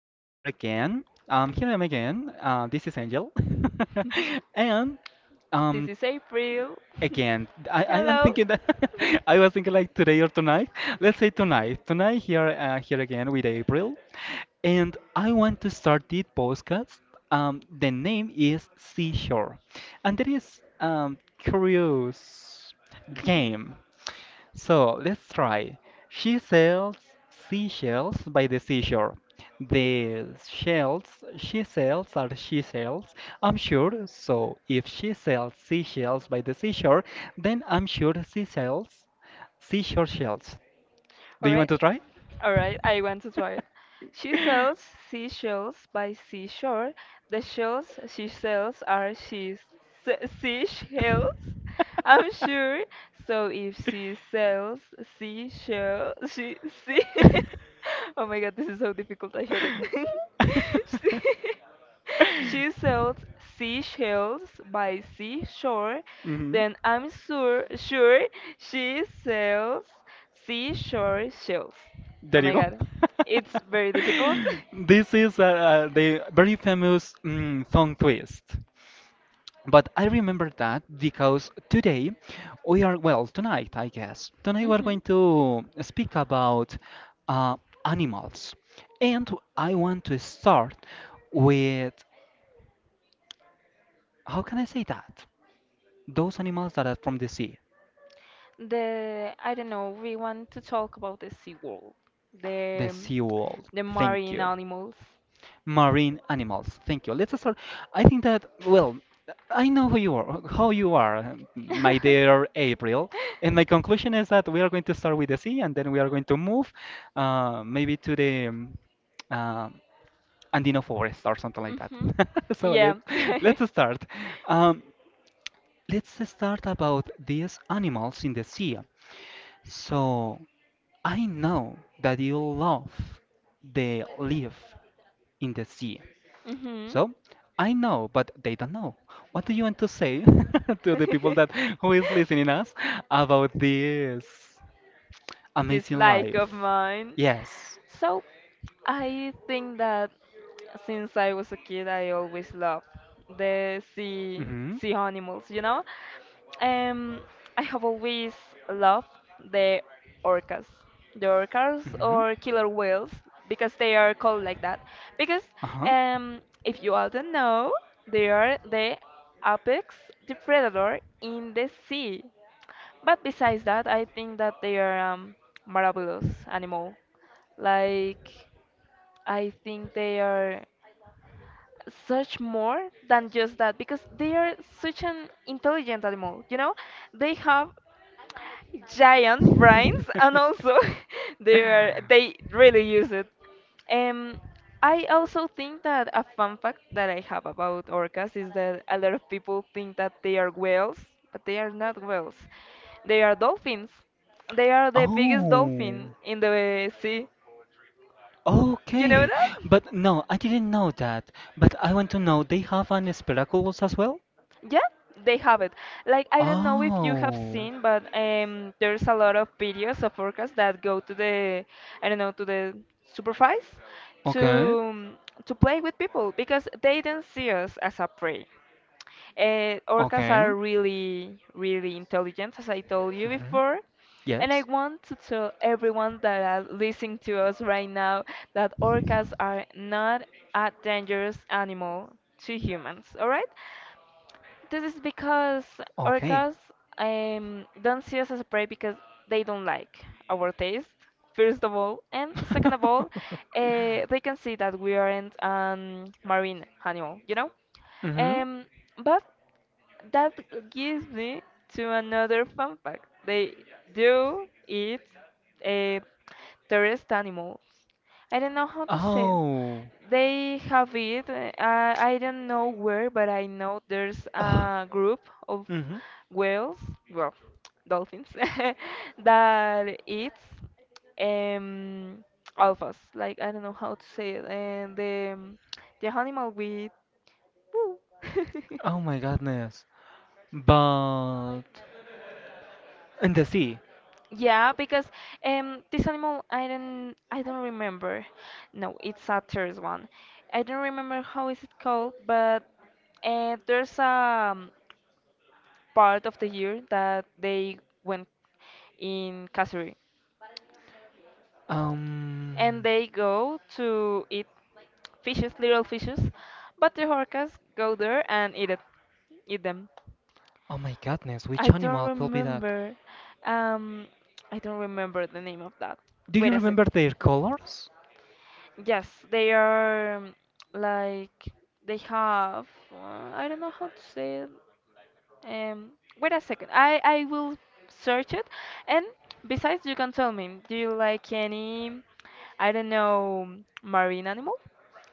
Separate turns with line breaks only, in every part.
night here again. Here I am again. This is Angel. And
This
um,
is April.
again, I am
Hello.
thinking that I was thinking like today or tonight. Let's say tonight. Tonight here here again with April. And I want to start this podcast. The name is Seashore. And there is curious game. So let's try. She sells seashells by the seashore. The shells she sells are she sells. I'm sure. So if she sells seashells by the seashore, then I'm sure she sells seashore shells.
All
Do
Do All you
you
want
want
right.
to
to try?
try?
All right, I want to try it. She sells seashells by seashore. The shells she sells are seashells. I'm sure. So if she sells seashell, she see. Oh my God, this is so difficult. I hate it. She she sells seashells by seashore.
hmm
Then I'm sure she sells seashore shells. Oh
There you
my
go.
god. It's very difficult.
This is the very famous tongue twist. But I remember that because today we are, well, tonight, I guess, tonight we're
Mhm.
going to speak about uh, animals. And I want to start with, how can I say that? Those animals that are from
The I don't know, we want to talk about the sea world.
the
The
sea world.
the
Thank
marine
you.
animals.
Marine animals. Thank you. Let's start. I think that, well, I know who you are, how you are, my
hmm
dear April. And my conclusion is that we are going to start with the sea and then we are going to move maybe to the uh, Andino forest or something like that. So
Yeah.
let's start. Um, let's start about these animals in the sea. So I know that you love the live in the sea.
hmm
So I know, but they don't know. What do you want to say to the people that who is listening us about this
This
amazing
like of
life?
mine.
Yes.
So I think that since I was a kid, I always loved the
Mm-hmm.
sea animals, you know. Um, I have always loved the orcas, the orcas
Mm-hmm.
or killer whales because they are called like that. Because
Uh-huh.
if you all don't know, they are the apex predator in the sea. But besides that, I think that they are marvelous animal. Like I think they are such more than just that because they are such an intelligent animal, you know, they have giant brains and also they really use it. um I also think that a fun fact that I have about orcas is that a lot of people think that they are whales, but they are not whales, they are dolphins, they are the biggest
Oh.
dolphin in the sea, you know
Okay,
that?
but no, I didn't know that. But I want to know, they have an Speraculous as well?
Yeah, they have it. Like I don't know if you have
Oh,
seen, but there's a lot of videos of orcas that go to the, I don't know, to the supervise,
okay,
to to play with people because they don't see us as a prey. Orcas
okay.
are really, really intelligent, as I told you
hmm
before. And I
Yes,
want to tell everyone that are listening to us right now that orcas are not a dangerous animal to humans, all right? This is because
okay.
orcas don't see us as a prey because they don't like our taste, first of all. And second of all, they can see that we aren't a marine animal, you know?
hmm
Um, but that gives me to another fun fact. They do eat a terrorist animal, I don't know how to say it.
Oh.
They have it. I don't know where, but I know there's a group of
hmm
whales, well, dolphins, that eats um alphas. Like I don't know how to say it. And the animal with. Woo.
Oh my goodness. But in the sea.
Yeah, because this animal I don't remember. No, it's a third one. I don't remember how is it called, but there's a part of the year that they went in Kasuri
Um.
and they go to eat fishes, little fishes, but the orcas go there and eat it, eat them.
Oh my goodness, which
I don't
animal could be that?
remember. Um, I don't remember the name of that.
Do you
Wait a
remember
second.
their colors?
Yes, they are like they have I don't know how to say it. Um, Wait a second. I will search it. And besides, you can tell me, do you like any, I don't know, marine animal?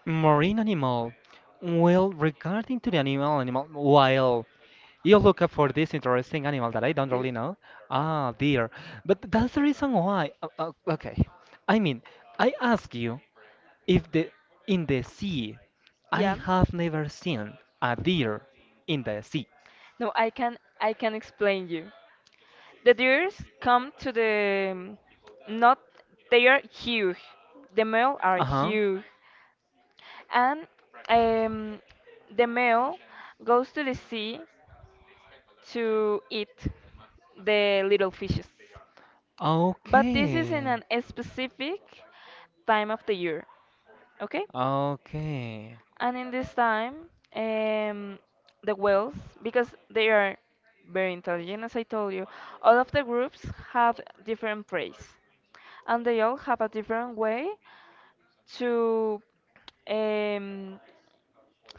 Marine animal. Well, regarding to the animal, while you look up for this interesting animal that I don't
Do-
really know, ah, dear. But that's the reason why. Okay, I mean, I ask you if the in the sea, I
Yeah.
have never seen a deer in the sea.
No, I can explain you. The deers come to the, not, they are huge. The male are
Uh-huh.
huge. And um, the male goes to the sea to eat the little fishes. But this is in
Okay.
an specific time of the year, okay?
Okay.
And in this time, um, the whales, because they are very intelligent, as I told you, all of the groups have different preys, and they all have a different way to, um,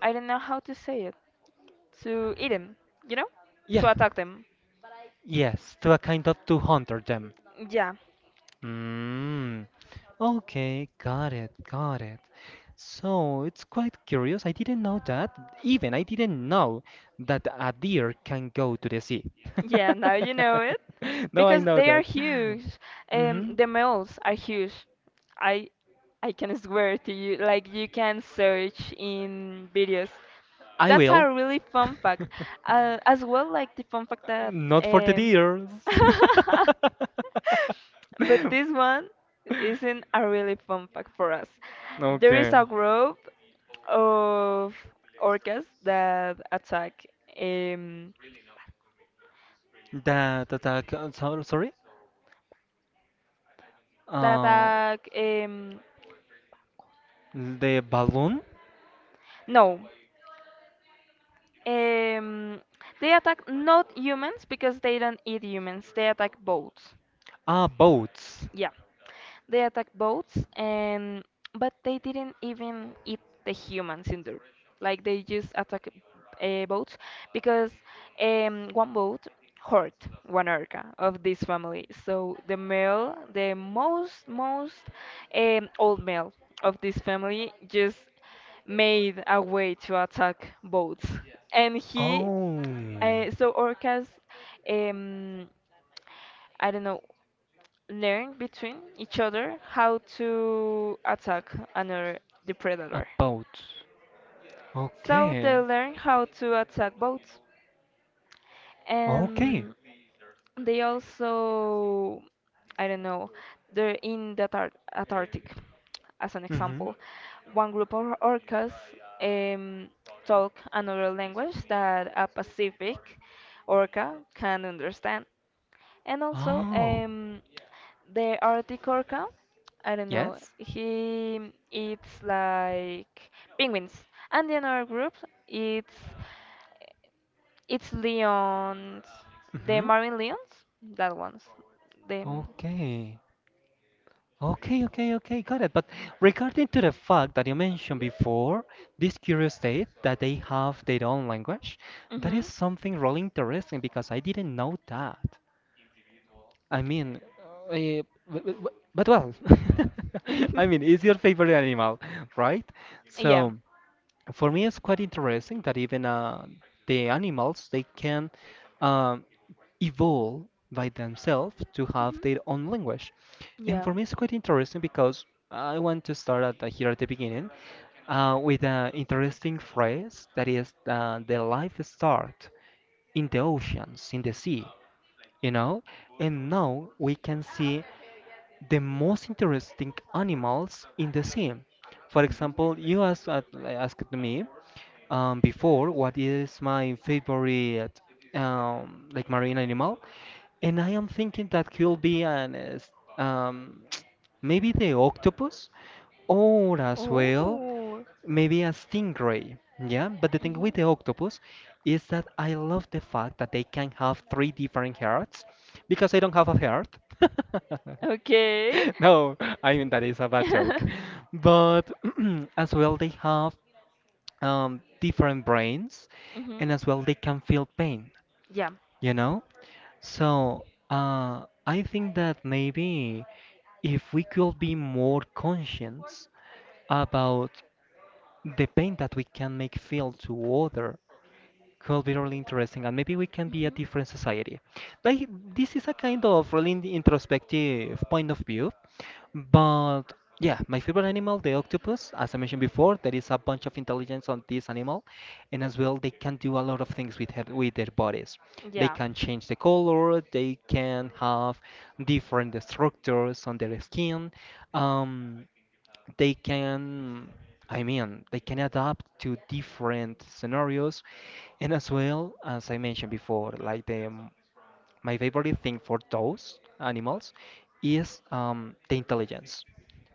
I don't know how to say it, to eat them, you know? To
Yeah.
attack them.
Yes, to a kind of to hunter them.
Yeah.
Mm. Okay, got it, got it. So it's quite curious. I didn't know that. Even I didn't know that a deer can go to the sea.
Yeah, now you know it.
Now I
Because
know
they are
that.
huge.
Hmm
The males are huge. I I can swear to you, like you can search in videos.
I
That's
will.
a really fun fact. As well, like the fun fact that
Not for the
um,
deers.
but this one isn't a really fun fact for us. There is
Okay.
a group of orcas um,
Sorry?
that
Uh,
attack
the balloon?
no um, they attack not humans because they don't eat humans, they attack boats.
Ah, boats.
Yeah. They attacked boats, and but they didn't even eat the humans in there. Like they just attack boats because one boat hurt one orca of this family. So the male, the most old male of this family just made a way to attack boats, and he
Oh,
so orcas. Um, I don't know, learn between each other how to attack another, the
a
predator.
boat.
So they
Okay.
learn how to attack boats,
Okay.
and they also, I don't know, they're in the Tar- Antarctic, as an
Mm-hmm.
example. One group of orcas um, talk another language that a Pacific orca can understand. And also,
Oh,
the Arctic orca, I don't know,
yes.
he eats like penguins. And the another group eats, it's Leon's, the
Mm-hmm.
Marvin Leon's, that one's, the.
Okay. Okay, okay, okay, got it. But regarding to the fact that you mentioned before, this curious state that they have their own language, that is
Mhm.
something really interesting because I didn't know that. I mean, uh, but well, I mean, it's your favorite animal, right?
Yeah.
So for me, it's quite interesting that even the animals they can um, evolve by themselves to have their own
Mhm.
language. And
Yeah.
for me, it's quite interesting because I want to start at the, here at the beginning with an interesting phrase that is the life start in the oceans, in the sea, you know, and now we can see the most interesting animals in the sea. For example, you asked me before what is my favorite like marine animal, and I am thinking that could be an um, maybe the octopus or as
Oh.
well
Mhm.
maybe a stingray. Yeah, but the thing with the octopus is that I love the fact that they can have three different hearts because I don't have a heart.
Okay.
No, I mean that is a bad joke. But as well, they have different brains, and
Mhm.
as well they can feel pain,
Yeah.
you know? So I think that maybe if we could be more conscious about the pain that we can make feel to other, could be really interesting, and maybe we can be a
Mhm.
different society. Like this is a kind of really introspective point of view, but yeah, my favorite animal, the octopus, as I mentioned before, there is a bunch of intelligence on this animal, and as well they can do a lot of things with her, with their bodies. They
Yeah.
can change the color, they can have different structures on their skin. Um, they can they can adapt to different scenarios, and as well, as I mentioned before, like the my favorite thing for those animals is the intelligence.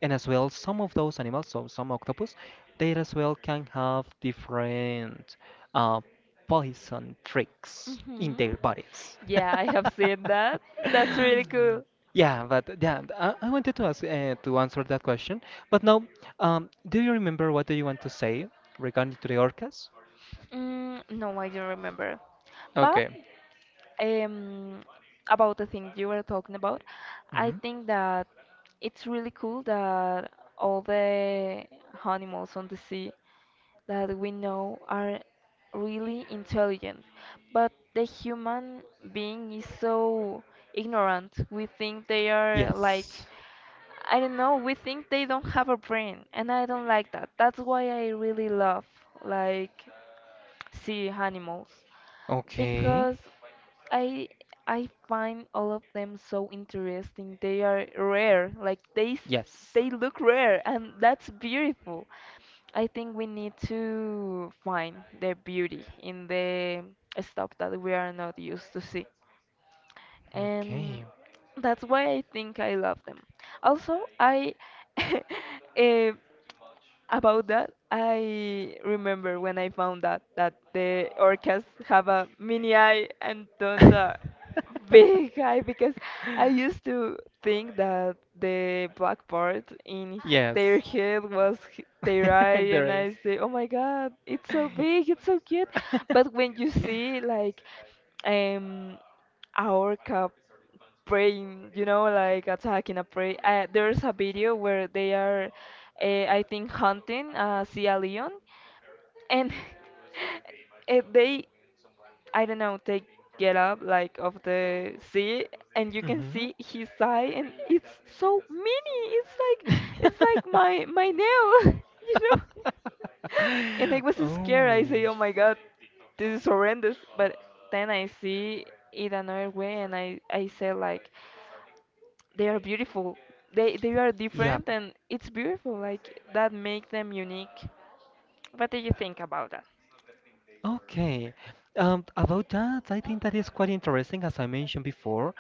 And as well, some of those animals, so some octopus, they as well can have different uh, poison tricks in
hmm
their bodies.
Yeah, I have seen that. That's really cool.
Yeah, but yeah, I wanted to ask to answer that question, but now do you remember what do you want to say regarding to the orcas?
Mm, no, I don't remember. But
Okay.
um, about the thing you were talking about, I
hmm
think that it's really cool that all the animals on the sea that we know are really intelligent. But the human being is so ignorant. We think they are like,
Yes.
I don't know, we think they don't have a brain. And I don't like that. That's why I really love like sea animals
Okay.
because I I find all of them so interesting. They are rare, like
Yes.
they look rare, and that's beautiful. I think we need to find the beauty in the stuff that we are not used to see, and
Okay.
that's why I think I love them. Also, I eh, about that, I remember when I found out that the orcas have a mini eye and don't a big eye, because I used to think that the black part in their
Yes.
head was h- their eye,
There
and
is.
I say, "Oh my God, it's so big, it's so cute." But when you see like um our cup praying, you know, like attacking a prey. There's a video where they are, I think, hunting see a leon, and they, I don't know, they get up like of the sea, and you can
hmm
see his eye, and it's so mini. It's like my nail, you know. And I was scared. I
Oh.
say, "Oh my God, this is horrendous." But then I see it another way, and I say like, they are beautiful. They are
Yeah.
different, and it's beautiful. Like that make them unique. What do you think about that?
Okay. About that, I think that is quite interesting. As I mentioned before,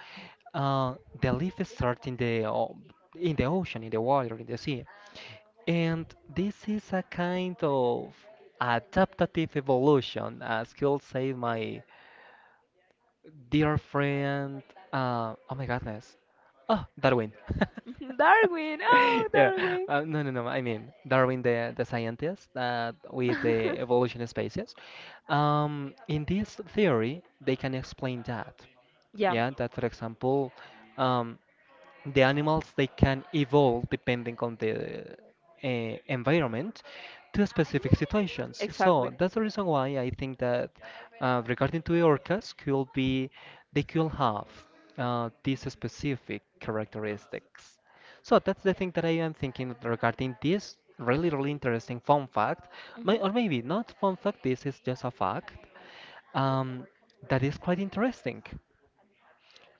uh, the life starts in the in the ocean, in the water, in the sea. And this is a kind of adaptative evolution, as you'll say, my dear friend. Oh my goodness. Oh, Darwin.
Darwin, oh
Yeah.
Darwin.
No, no, no. I mean, Darwin, the scientist that with the evolution of species. In this theory, they can explain that.
Yeah,
Yeah, that for example, um, the animals they can evolve depending on the environment to specific situations. So
exactly.
that's the reason why I think that regarding to the orcas, could be they could have these specific characteristics. So that's the thing that I am thinking regarding this really really interesting fun fact, may
Mhm.
or maybe not fun fact. This is just a fact um, that is quite interesting.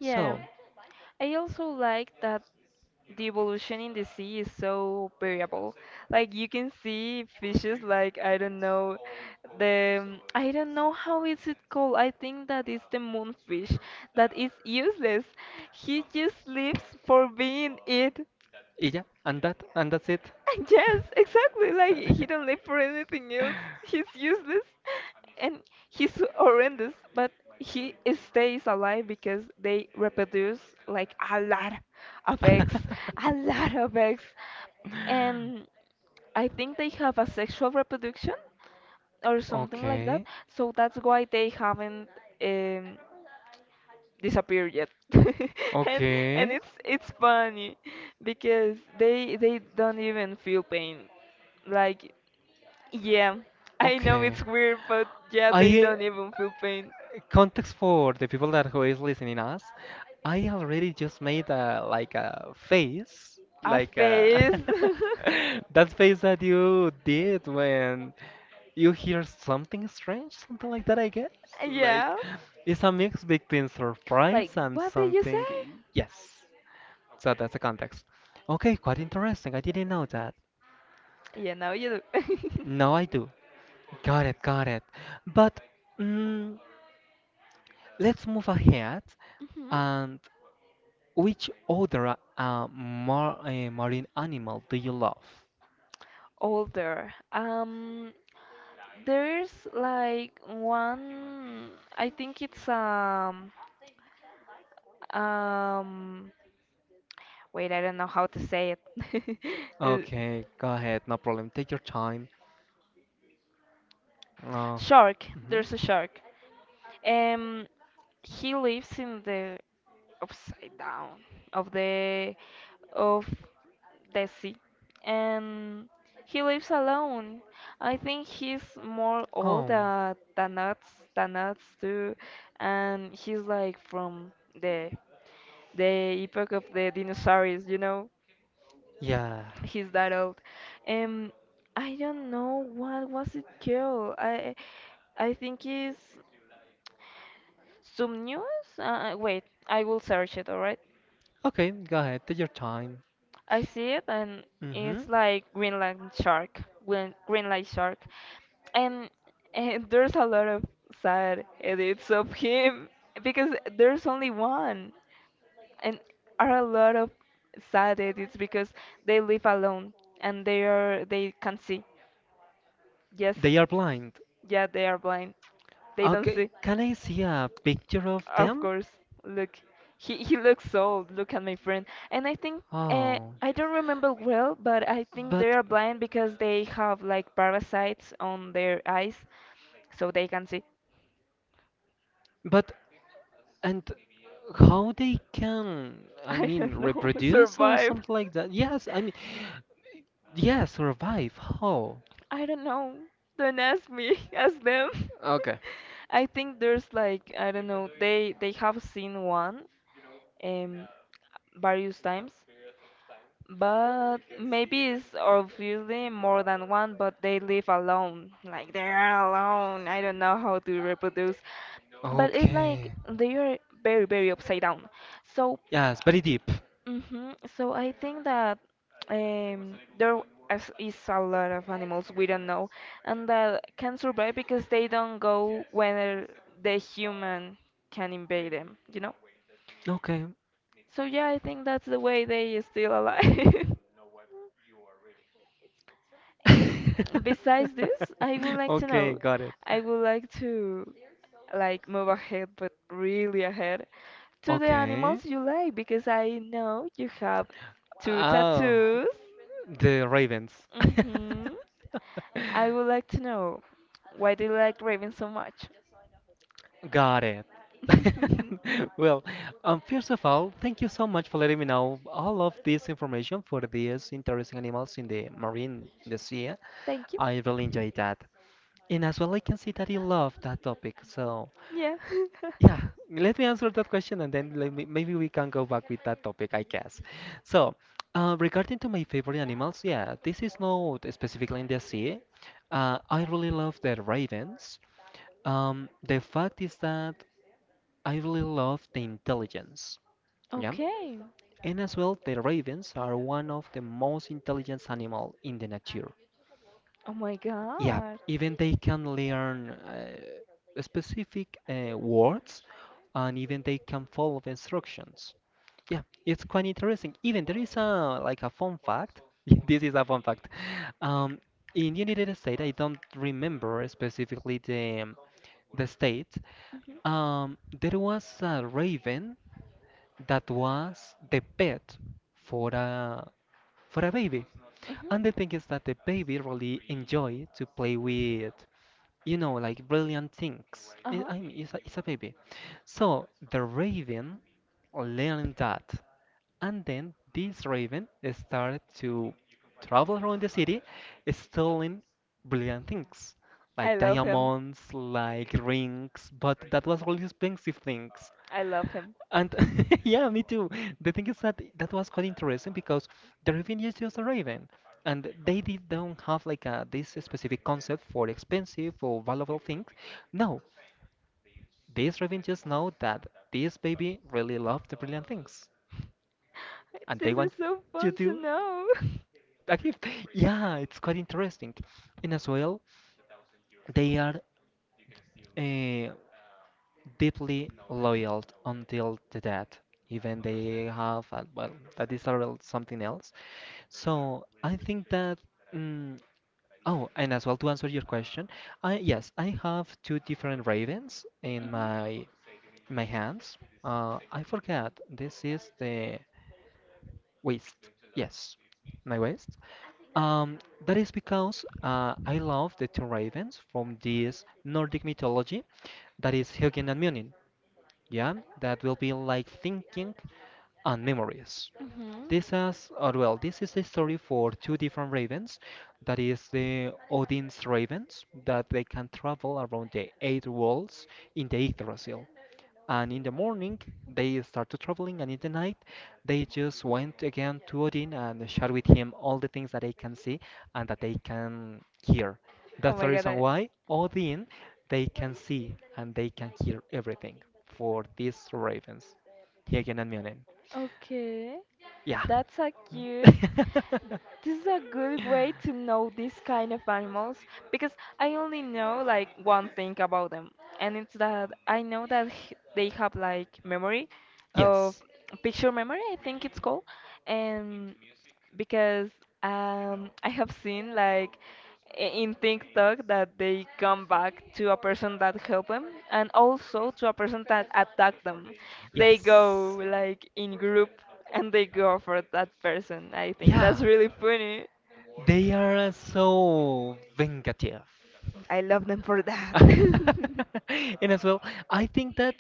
Yeah. I also like that the evolution in the sea is so variable. Like you can see fishes like, I don't know, the I don't know how is it called. I think that is the moonfish that is useless. He just lives for being it.
yeah, and that and that's it.
Yes, exactly. Like he don't live for anything else. He's useless, and he's horrendous, but he stays alive because they reproduce like a lot of eggs, a lot of eggs, and I think they have a sexual reproduction or something like that.
Okay,
So that's why they haven't um, disappeared yet. and and
okay.
it's funny because they don't even feel pain. Like yeah, I know
Okay.
it's weird, but yeah, they
I
don't even feel pain.
context for the people that who is listening us, I already just made a like a face
A
like a
face.
that face that you did when you hear something strange something like that I guess, like
Yeah.
it's a mix between surprise
Like,
and
what did you
something.
say?
Yes, so that's the context. Okay, quite interesting, I didn't know that.
Yeah, now you do.
Now I do, got it, got it. But mm, let's move ahead.
Mhm.
And which other marine animal do you love?
Older. There's like one. I think it's um. Wait, I don't know how to say it.
Okay, go ahead, no problem. Take your time.
Uh,
Uh,
Shark,
mhm.
there's a shark. Um, he lives in the upside down of the of the sea, and he lives alone. I think he's more old
Oh,
than us too, and he's like from the epoch of the dinosaurs. You know,
yeah.
he's that old. Um, I don't know what was it called. I think it's some news? Wait, I will search it, alright?
Okay, go ahead, take your time.
I see it, and
Hmm
it's like Greenland shark, Greenland shark. And, and there's a lot of sad edits of him because there's only one. And are a lot of sad edits because they live alone, and they can't see. Yes.
They are blind.
Yeah, they are blind. They don't see.
Okay, can I see a picture of
Of
them?
course, look, he looks so old. Look at my friend, and I think
Oh,
I don't remember well, but I think
but
they are blind because they have like parasites on their eyes, so they can see.
but and how they can, I
I
mean,
don't know,
reproduce or
survive.
something like that? Yes, I mean, yeah, survive. How?
I don't know. Don't ask me, ask them.
Okay.
I think there's like, I don't know. They have seen one. Um, Various times, but maybe it's obviously more than one, but they live alone. Like they're alone. I don't know how to reproduce. But it's like
Okay.
they are very, very upside down. So,
Yes, very deep.
so I think that there is a lot of animals we don't know and that can survive because they don't go when the human can invade them, you know?
Okay.
So yeah, I think that's the way they is still alive. Besides this, I would like to
Okay,
know.
got it.
I would like to like move ahead, but really ahead to the
Okay.
animals you like because I know you have two
Oh,
tattoos.
the Ravens.
hmm I would like to know, why do you like ravens so much?
Got it. Well, first of all, thank you so much for letting me know all of this information for these interesting animals in the marine, in the sea.
Thank you.
I really enjoyed that. And as well, I can see that you love that topic, so
Yeah.
yeah, let me answer that question and then let me, maybe we can go back with that topic, I guess. So, regarding to my favorite animals, yeah, this is not specifically in the sea. I really love the ravens. The fact is that I really love the intelligence. Yeah,
Okay.
and as well, the ravens are one of the most intelligent animal in the nature.
Oh my
Yeah,
God.
even they can learn specific words, and even they can follow the instructions. Yeah, it's quite interesting. Even there is a like a fun fact. This is a fun fact. Um, in United States, I don't remember specifically the state.
Mhm.
There was a raven that was the pet for a for a baby,
Mhm.
and the thing is that the baby really enjoyed to play with, you know, like brilliant things.
Uh huh.
I mean, it's a baby, so the raven learned that. And then this raven started to travel around the city, stealing brilliant things,
I
like
love him.
diamonds, like rings, but that was really expensive things.
I love him.
And yeah, me too. The thing is that that was quite interesting because the raven is just a raven, and they did don't have like a, this specific concept for expensive or valuable things. No, this raven just know that this baby really loved the brilliant things, and they
This is
want
so
you
fun to
to
know.
actually, yeah, it's quite interesting. And as well, they are uh, deeply loyal until the death. Even they have, well, that is a real something else. So I think that. Mm, oh, and as well to answer your question, I yes, I have two different ravens in
Mhm.
my my hands. I forgot. This is the waist. Yes, my waist. Um, that is because I love the two ravens from this Nordic mythology, that is Hugin and Munin. Yeah, that will be like thinking and memories.
Mhm.
This has, or well, this is the story for two different ravens. That is the Odin's ravens that they can travel around the eight worlds in the Yggdrasil. And in the morning, they started traveling, and in the night, they just went again to Odin and shared with him all the things that they can see and that they can hear.
Oh
That's the
my god,
reason why Odin, they can see and they can hear everything for these ravens. Hygin and Mionen.
okay,
Yeah.
that's so cute. This is a good way to know this kind of animals because I only know like one thing about them, and it's that I know that they have like memory of
Yes.
picture memory, I think it's called, and because I have seen like in TikTok that they come back to a person that helped them and also to a person that attacked them, they
Yes.
go like in group and they go for that person. I think
Yeah.
that's really funny.
They are so vingative.
I love them for that.
And as well, I think that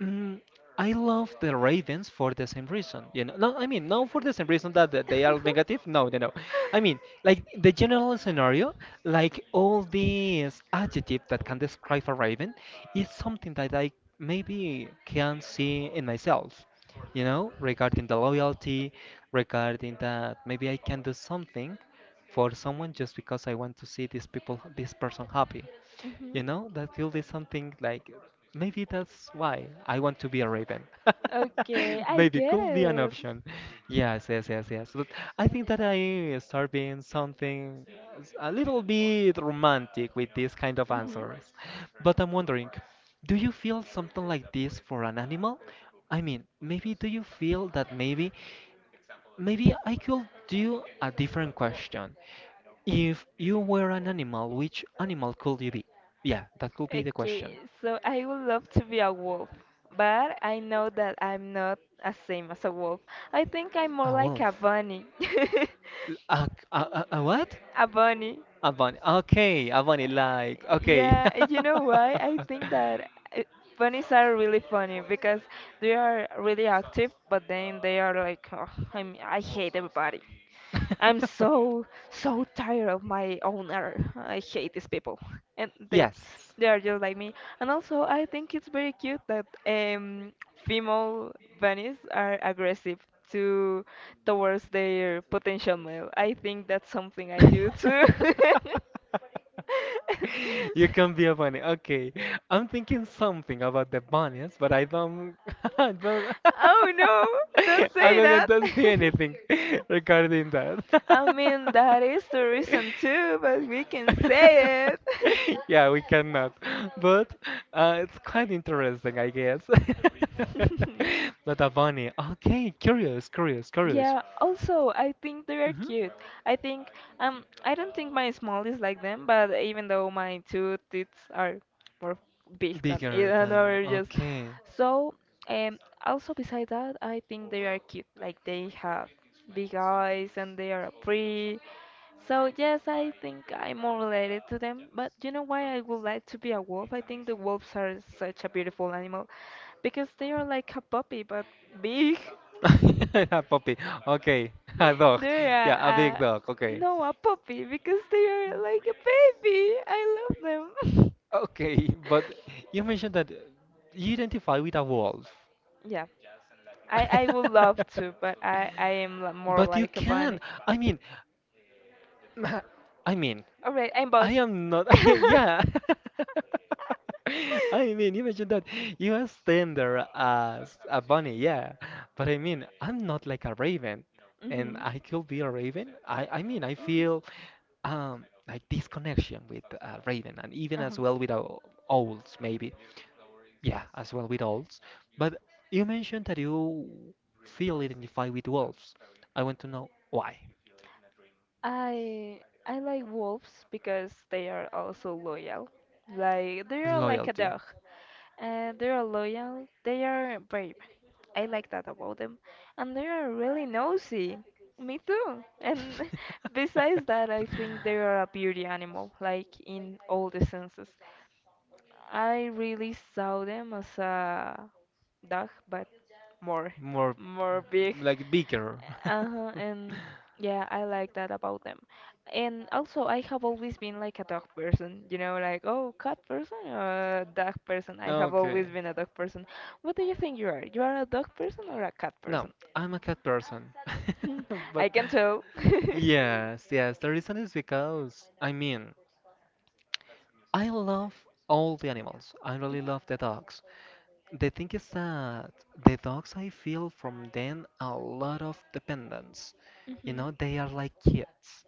mm, I love the Ravens for the same reason. You know, no, I mean, not for the same reason that they are negative. No, no, no. I mean, like the general scenario, like all these adjectives that can describe a Raven, is something that I maybe can see in myself. You know, regarding the loyalty, regarding that maybe I can do something for someone just because I want to see these people, this person happy.
Mhm.
You know, that could be something like maybe that's why I want to be a raven.
Okay, I
Maybe
get
could be an
it.
option. Yes, yes, yes, yes. But I think that I start being something a little bit romantic with these kind of
Mhm.
answers. But I'm wondering, do you feel something like this for an animal? I mean, maybe do you feel that Maybe I could do a different question. If you were an animal, which animal could you be? Yeah, that could be the
Okay,
question.
so I would love to be a wolf, but I know that I'm not as same as a wolf. I think I'm more
A
like a
wolf.
bunny.
A, a what?
A bunny.
A bunny. Okay, a bunny, like, okay.
Yeah, you know why? I think that uh, bunnies are really funny because they are really active, but then they are like, oh, I hate everybody. I'm so so tired of my own error. I hate these people, and
Yes.
they are just like me. And also, I think it's very cute that female bunnies are aggressive to towards their potential male. I think that's something I do too.
You can be a bunny. Okay. I'm thinking something about the bunnies, but I don't I don't
Oh no! Don't
I'm
say
not
that.
gonna say anything regarding that.
I mean, that is the reason too, but we can say it.
Yeah, we cannot. But it's quite interesting, I guess. Not a bunny. Okay, curious, curious, curious.
Yeah, also, I think they are
Hmm
cute. I think, I don't think my small is like them, but even though my two teeth are more big than
Bigger
either
than
another, just
okay.
so, also beside that, I think they are cute. Like they have big eyes and they are pretty. So yes, I think I'm more related to them, but you know why I would like to be a wolf? I think the wolves are such a beautiful animal because they are like a puppy but big.
A puppy. Okay. A dog.
They're a,
Yeah, a big dog.
a
Okay.
no, a puppy because they are like a baby. I love them.
Okay, but you mentioned that you identify with a wolf.
Yeah. I would love to, but I am more
But you
like a
can.
bunny.
I mean, I mean,
All right, I'm both.
I am not. Yeah. I mean, imagine that you are standing there as a bunny, yeah. But I mean, I'm not like a raven, and
Mhm.
I could be a raven. I mean, I feel like this connection with raven, and even
Uh-huh.
as well with owls, maybe. Yeah, as well with owls. But you mentioned that you feel identified with wolves. I want to know why.
I I like wolves because they are also loyal. Like they are like a
Loyalty.
dog, and they are loyal. They are brave. I like that about them, and they are really nosy. Me too. And besides that, I think they are a beauty animal, like in all the senses. I really saw them as a dog, but more,
More
more big.
like bigger.
Uh-huh, and yeah, I like that about them. And also, I have always been like a dog person, you know, like, oh, cat person or dog person. I have always
Okay.
been a dog person. What do you think you are? You are a dog person or a cat
No,
person?
I'm a cat person.
Hmm,
But
I can tell.
yes, yes, the reason is because, I mean, I love all the animals. I really love the dogs. The thing is that the dogs, I feel from them a lot of dependence. You know,
Mhm.
they are like kids.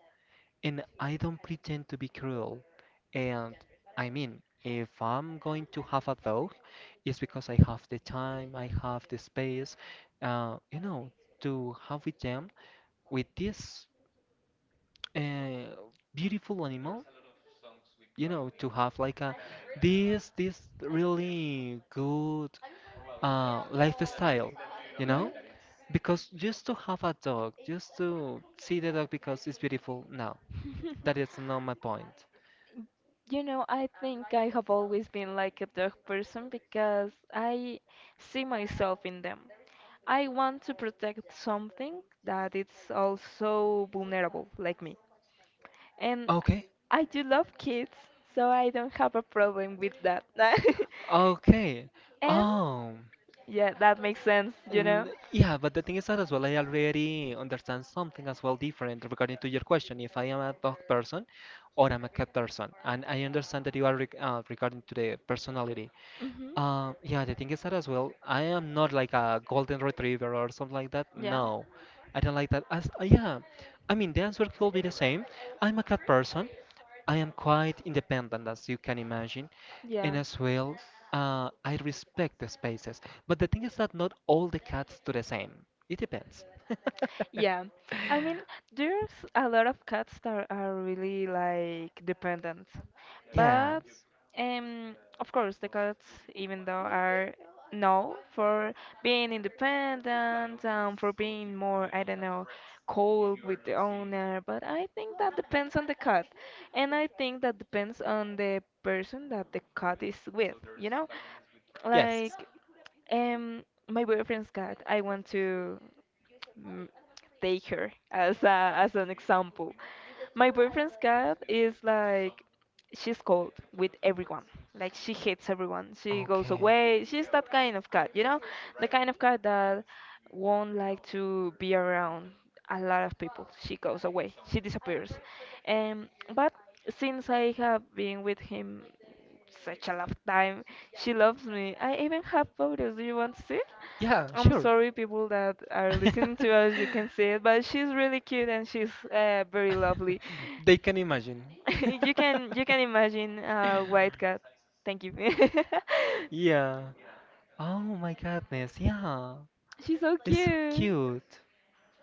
And I don't pretend to be cruel. And I mean, if I'm going to have a dog, it's because I have the time, I have the space, you know, to have with them, with this uh, beautiful animal, you know, to have like a this really good lifestyle, you know? Because just to have a dog, just to see the dog because it's beautiful, no,
Mhm.
that is not my point.
You know, I think I have always been like a dog person because I see myself in them. I want to protect something that it's also vulnerable, like me. And
Okay.
I do love kids, so I don't have a problem with that.
Okay.
And
Oh,
yeah, that makes sense, you know?
yeah, but the thing is that as well, I already understand something as well different regarding to your question. If I am a dog person or I'm a cat person, and I understand that you are regarding to the personality.
Hmm
Yeah, the thing is that as well, I am not like a golden retriever or something like that.
Yeah,
No, I don't like that. As yeah, I mean the answer could be the same. I'm a cat person. I am quite independent, as you can imagine,
yeah.
and as well, I respect the spaces. But the thing is that not all the cats do the same. It depends.
Yeah, I mean, there's a lot of cats that are really like dependent, but
Yes.
of course the cats, even though are known for being independent for being more, I don't know, cold with the owner, but I think that depends on the cat, and I think that depends on the person that the cat is with, you know?
Yes.
Like, um, my boyfriend's cat, I want to. mm, take her as as an example. My boyfriend's cat is like she's cold with everyone. Like she hates everyone. She goes
Okay.
away. She's that kind of cat, you know? The kind of cat that won't like to be around a lot of people. She goes away. She disappears. Um but since I have been with him such a long time, she loves me. I even have photos. Do you want to see?
Yeah,
I'm
sure.
sorry, people that are listening to us, you can see it, but she's really cute and she's very lovely.
They can imagine.
You can you can imagine a white cat. Thank you.
Yeah. Oh my goodness. Yeah.
She's so
It's so
cute.
cute,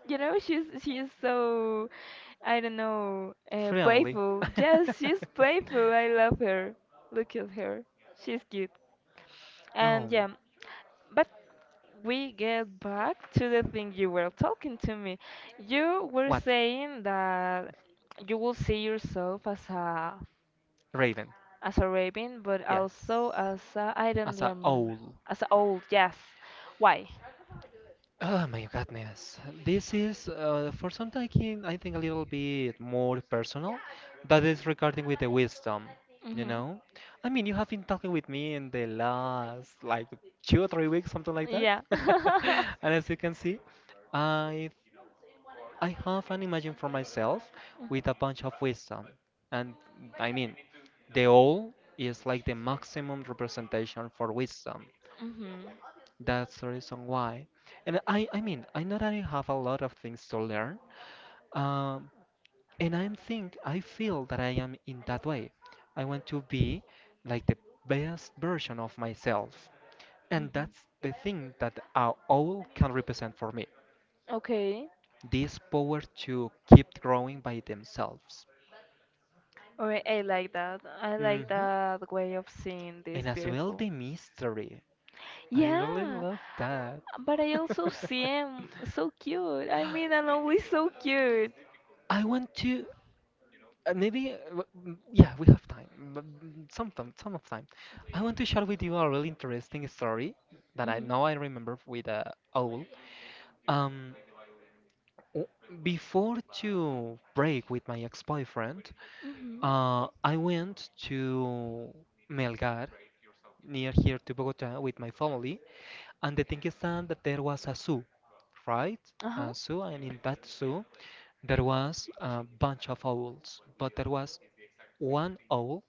You know, she's so I don't know,
friendly.
playful. Yes, she's playful. I love her. Look at her. She's cute. And
Oh,
yeah, but we get back to the thing you were talking to me. You were
what?
saying that you will see yourself
Raven.
as a raven, but
Yes,
also as a, I don't
as a
remember,
owl.
as a old. Yes, why?
Oh my goodness. This is for something I can, I think a little bit more personal. That is regarding with the wisdom, you
Hmm
know? I mean, you have been talking with me in the last like 2 or 3 weeks, something like that.
Yeah.
And as you can see, I I have an image for myself with a bunch of wisdom. And I mean, the all is like the maximum representation for wisdom.
Mhm.
That's the reason why. And I mean, I know that I have a lot of things to learn. Um, and I think, I feel that I am in that way. I want to be like the best version of myself. And
Mhm.
that's the thing that our all can represent for me.
Okay.
This power to keep growing by themselves.
Alright, I like that. I like
Hmm.
that way of seeing this
And as well
beautiful.
the mystery. I really
Yeah,
love that.
but I also see him so cute. I mean, and always so cute.
I want to yeah, we have time. Some time, some of time. I want to share with you a really interesting story that
Mhm.
I remember with owl. Um, w- Before to break with my ex-boyfriend,
Mhm.
I went to Melgar near here to Bogota with my family. And the thing is that there was a zoo, right?
Uh huh.
A zoo, and in that zoo there was a bunch of owls, but there was one owl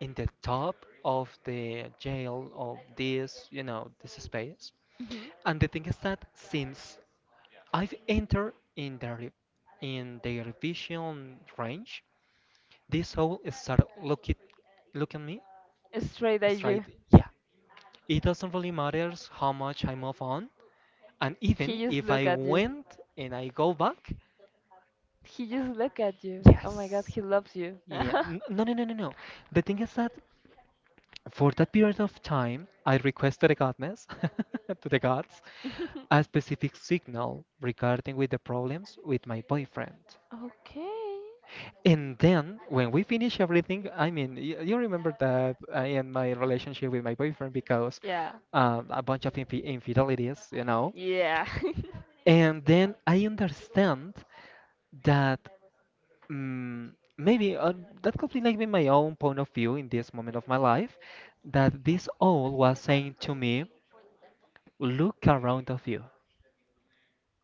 in the top of the jail of this, you know, this space.
Mhm.
And the thing is that since I've entered in the in their vision range, this owl started look at me
Straight at
straight.
you.
Yeah, it doesn't really matter how much I move on. And even
He just
if
look
I
at you.
went and I go back,
He just look at you.
yes.
Oh my God, he loves you.
Yeah. No, no, no, no, no. The thing is that for that period of time, I requested a godness to the gods a specific signal regarding with the problems with my boyfriend.
Okay.
And then when we finish everything, I mean, you remember that I end my relationship with my boyfriend because
Yeah.
a bunch of infidelities, you know.
Yeah.
And then I understand that Mm, maybe that could be like be my own point of view in this moment of my life, that this owl was saying to me, "Look around of you."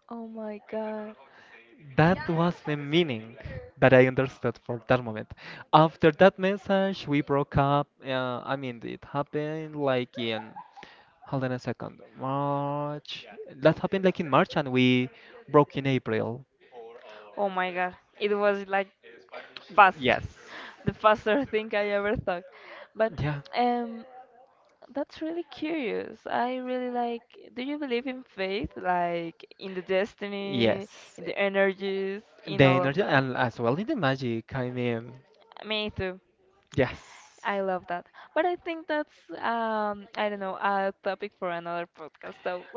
Oh my god.
That was the meaning that I understood for that moment. After that message, we broke up. I mean, it happened like in hold on a second, March. That happened like in March, and we broke in April.
Oh my god. It was like fast.
Yes.
The faster thing I ever thought. But
Yeah.
um that's really curious. I really like, do you believe in faith? Like in the destiny,
Yes.
in the energies,
The
in all of
energy
that.
and as well in the magic. I mean,
Me too.
yes.
I love that. But I think that's I don't know, a topic for another podcast, so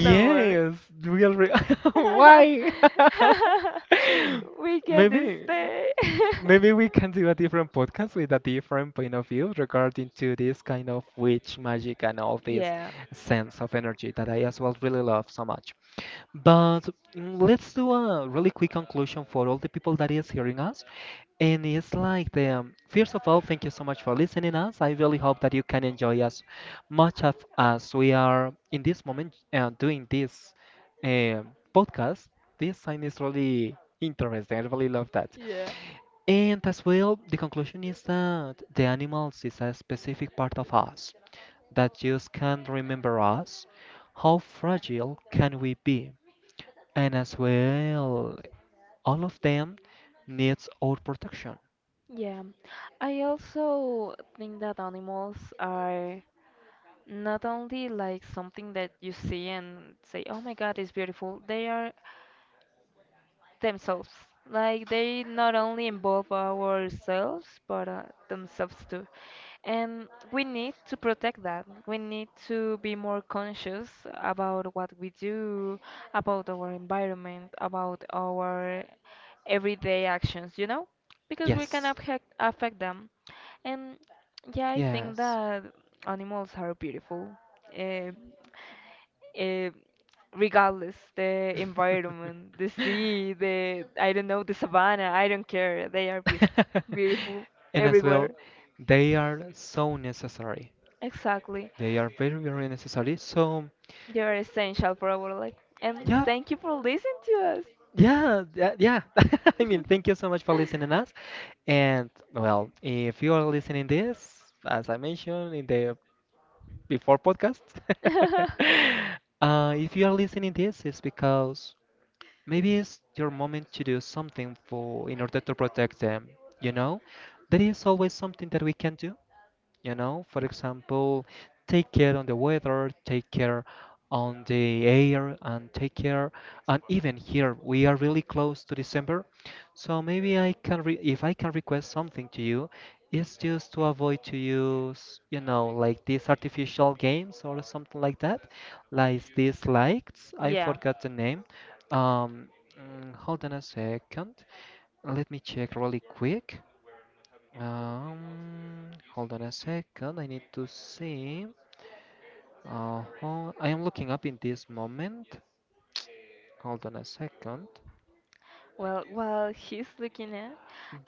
don't worry.
real, real. Why?
We can
Maybe,
stay.
maybe we can do a different podcast with a different point of view regarding to this kind of witch magic and all this
Yeah.
sense of energy that I as well really love so much. But let's do a really quick conclusion for all the people that is hearing us. And it's like them. First of all, thank you so much for listening us. I really hope that you can enjoy as much of as we are in this moment doing this podcast. This sign is really interesting. I really love that. And as well, the conclusion is that the animals is a specific part of us that just can remember us. How fragile can we be? And as well, all of them needs our protection.
Yeah, I also think that animals are not only like something that you see and say, oh my God, it's beautiful. They are themselves. Like they not only involve ourselves but themselves too. And we need to protect that. We need to be more conscious about what we do, about our environment, about our everyday actions, you know? Because we can
Yes.
affect them. And yeah, I think
Yes.
that animals are beautiful. Uh, eh, regardless the environment, the sea, the I don't know the savannah. I don't care. They are beautiful
And as
everywhere.
well, they are so necessary.
Exactly,
They are very, very necessary. So,
they are essential for our life. And
yeah,
thank you for listening to
yeah, yeah, yeah. I mean, thank you so much for listening us. And well, if you are listening this, as I mentioned in the before podcast,
us.
if you are listening this, it's because maybe it's your moment to do something for in order to protect them, you know? There is always something that we can do, you know, for example, take care on the weather, take care on the air, and take care. And even here we are really close to December, so maybe I can if I can request something to you, it's just to avoid to use, you know, like these artificial games or something like that, like these lights. I
Yeah.
forgot the name. um hold on a second, let me check really quick. Hold on a second. I need to see. Uh-huh. I am looking up in this moment. Hold on a second.
Well, while he's looking at,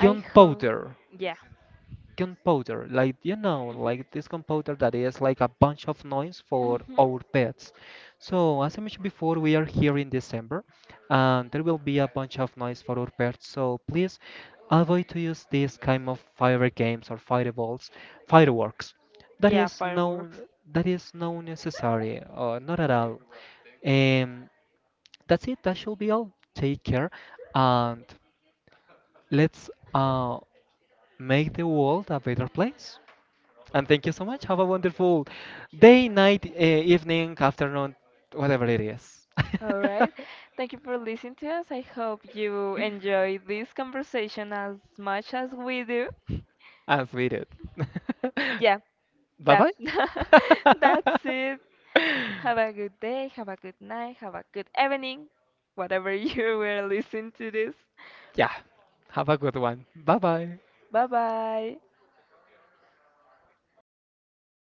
I hope. Yeah.
Computer, like you know, like this computer that is like a bunch of noise for
Mhm. Mhm.
our pets. So as I mentioned before, we are here in December, and there will be a bunch of noise for our pets. So please avoid to use this kind of fire games or fireballs, fireworks. That
Yeah,
is no,
fireworks.
that is no necessary, or not at all. Um, that's it. That should be all. Take care, and let's make the world a better place. And thank you so much. Have a wonderful day, night, evening, afternoon, whatever it is.
All right. Thank you for listening to us. I hope you enjoy this conversation as much as we do.
And sweet it.
Yeah,
Bye
that that's
bye.
it. Have a good day, have a good night, have a good evening, whatever you were listening to this.
Yeah. Have a good one. Bye bye.
Bye bye.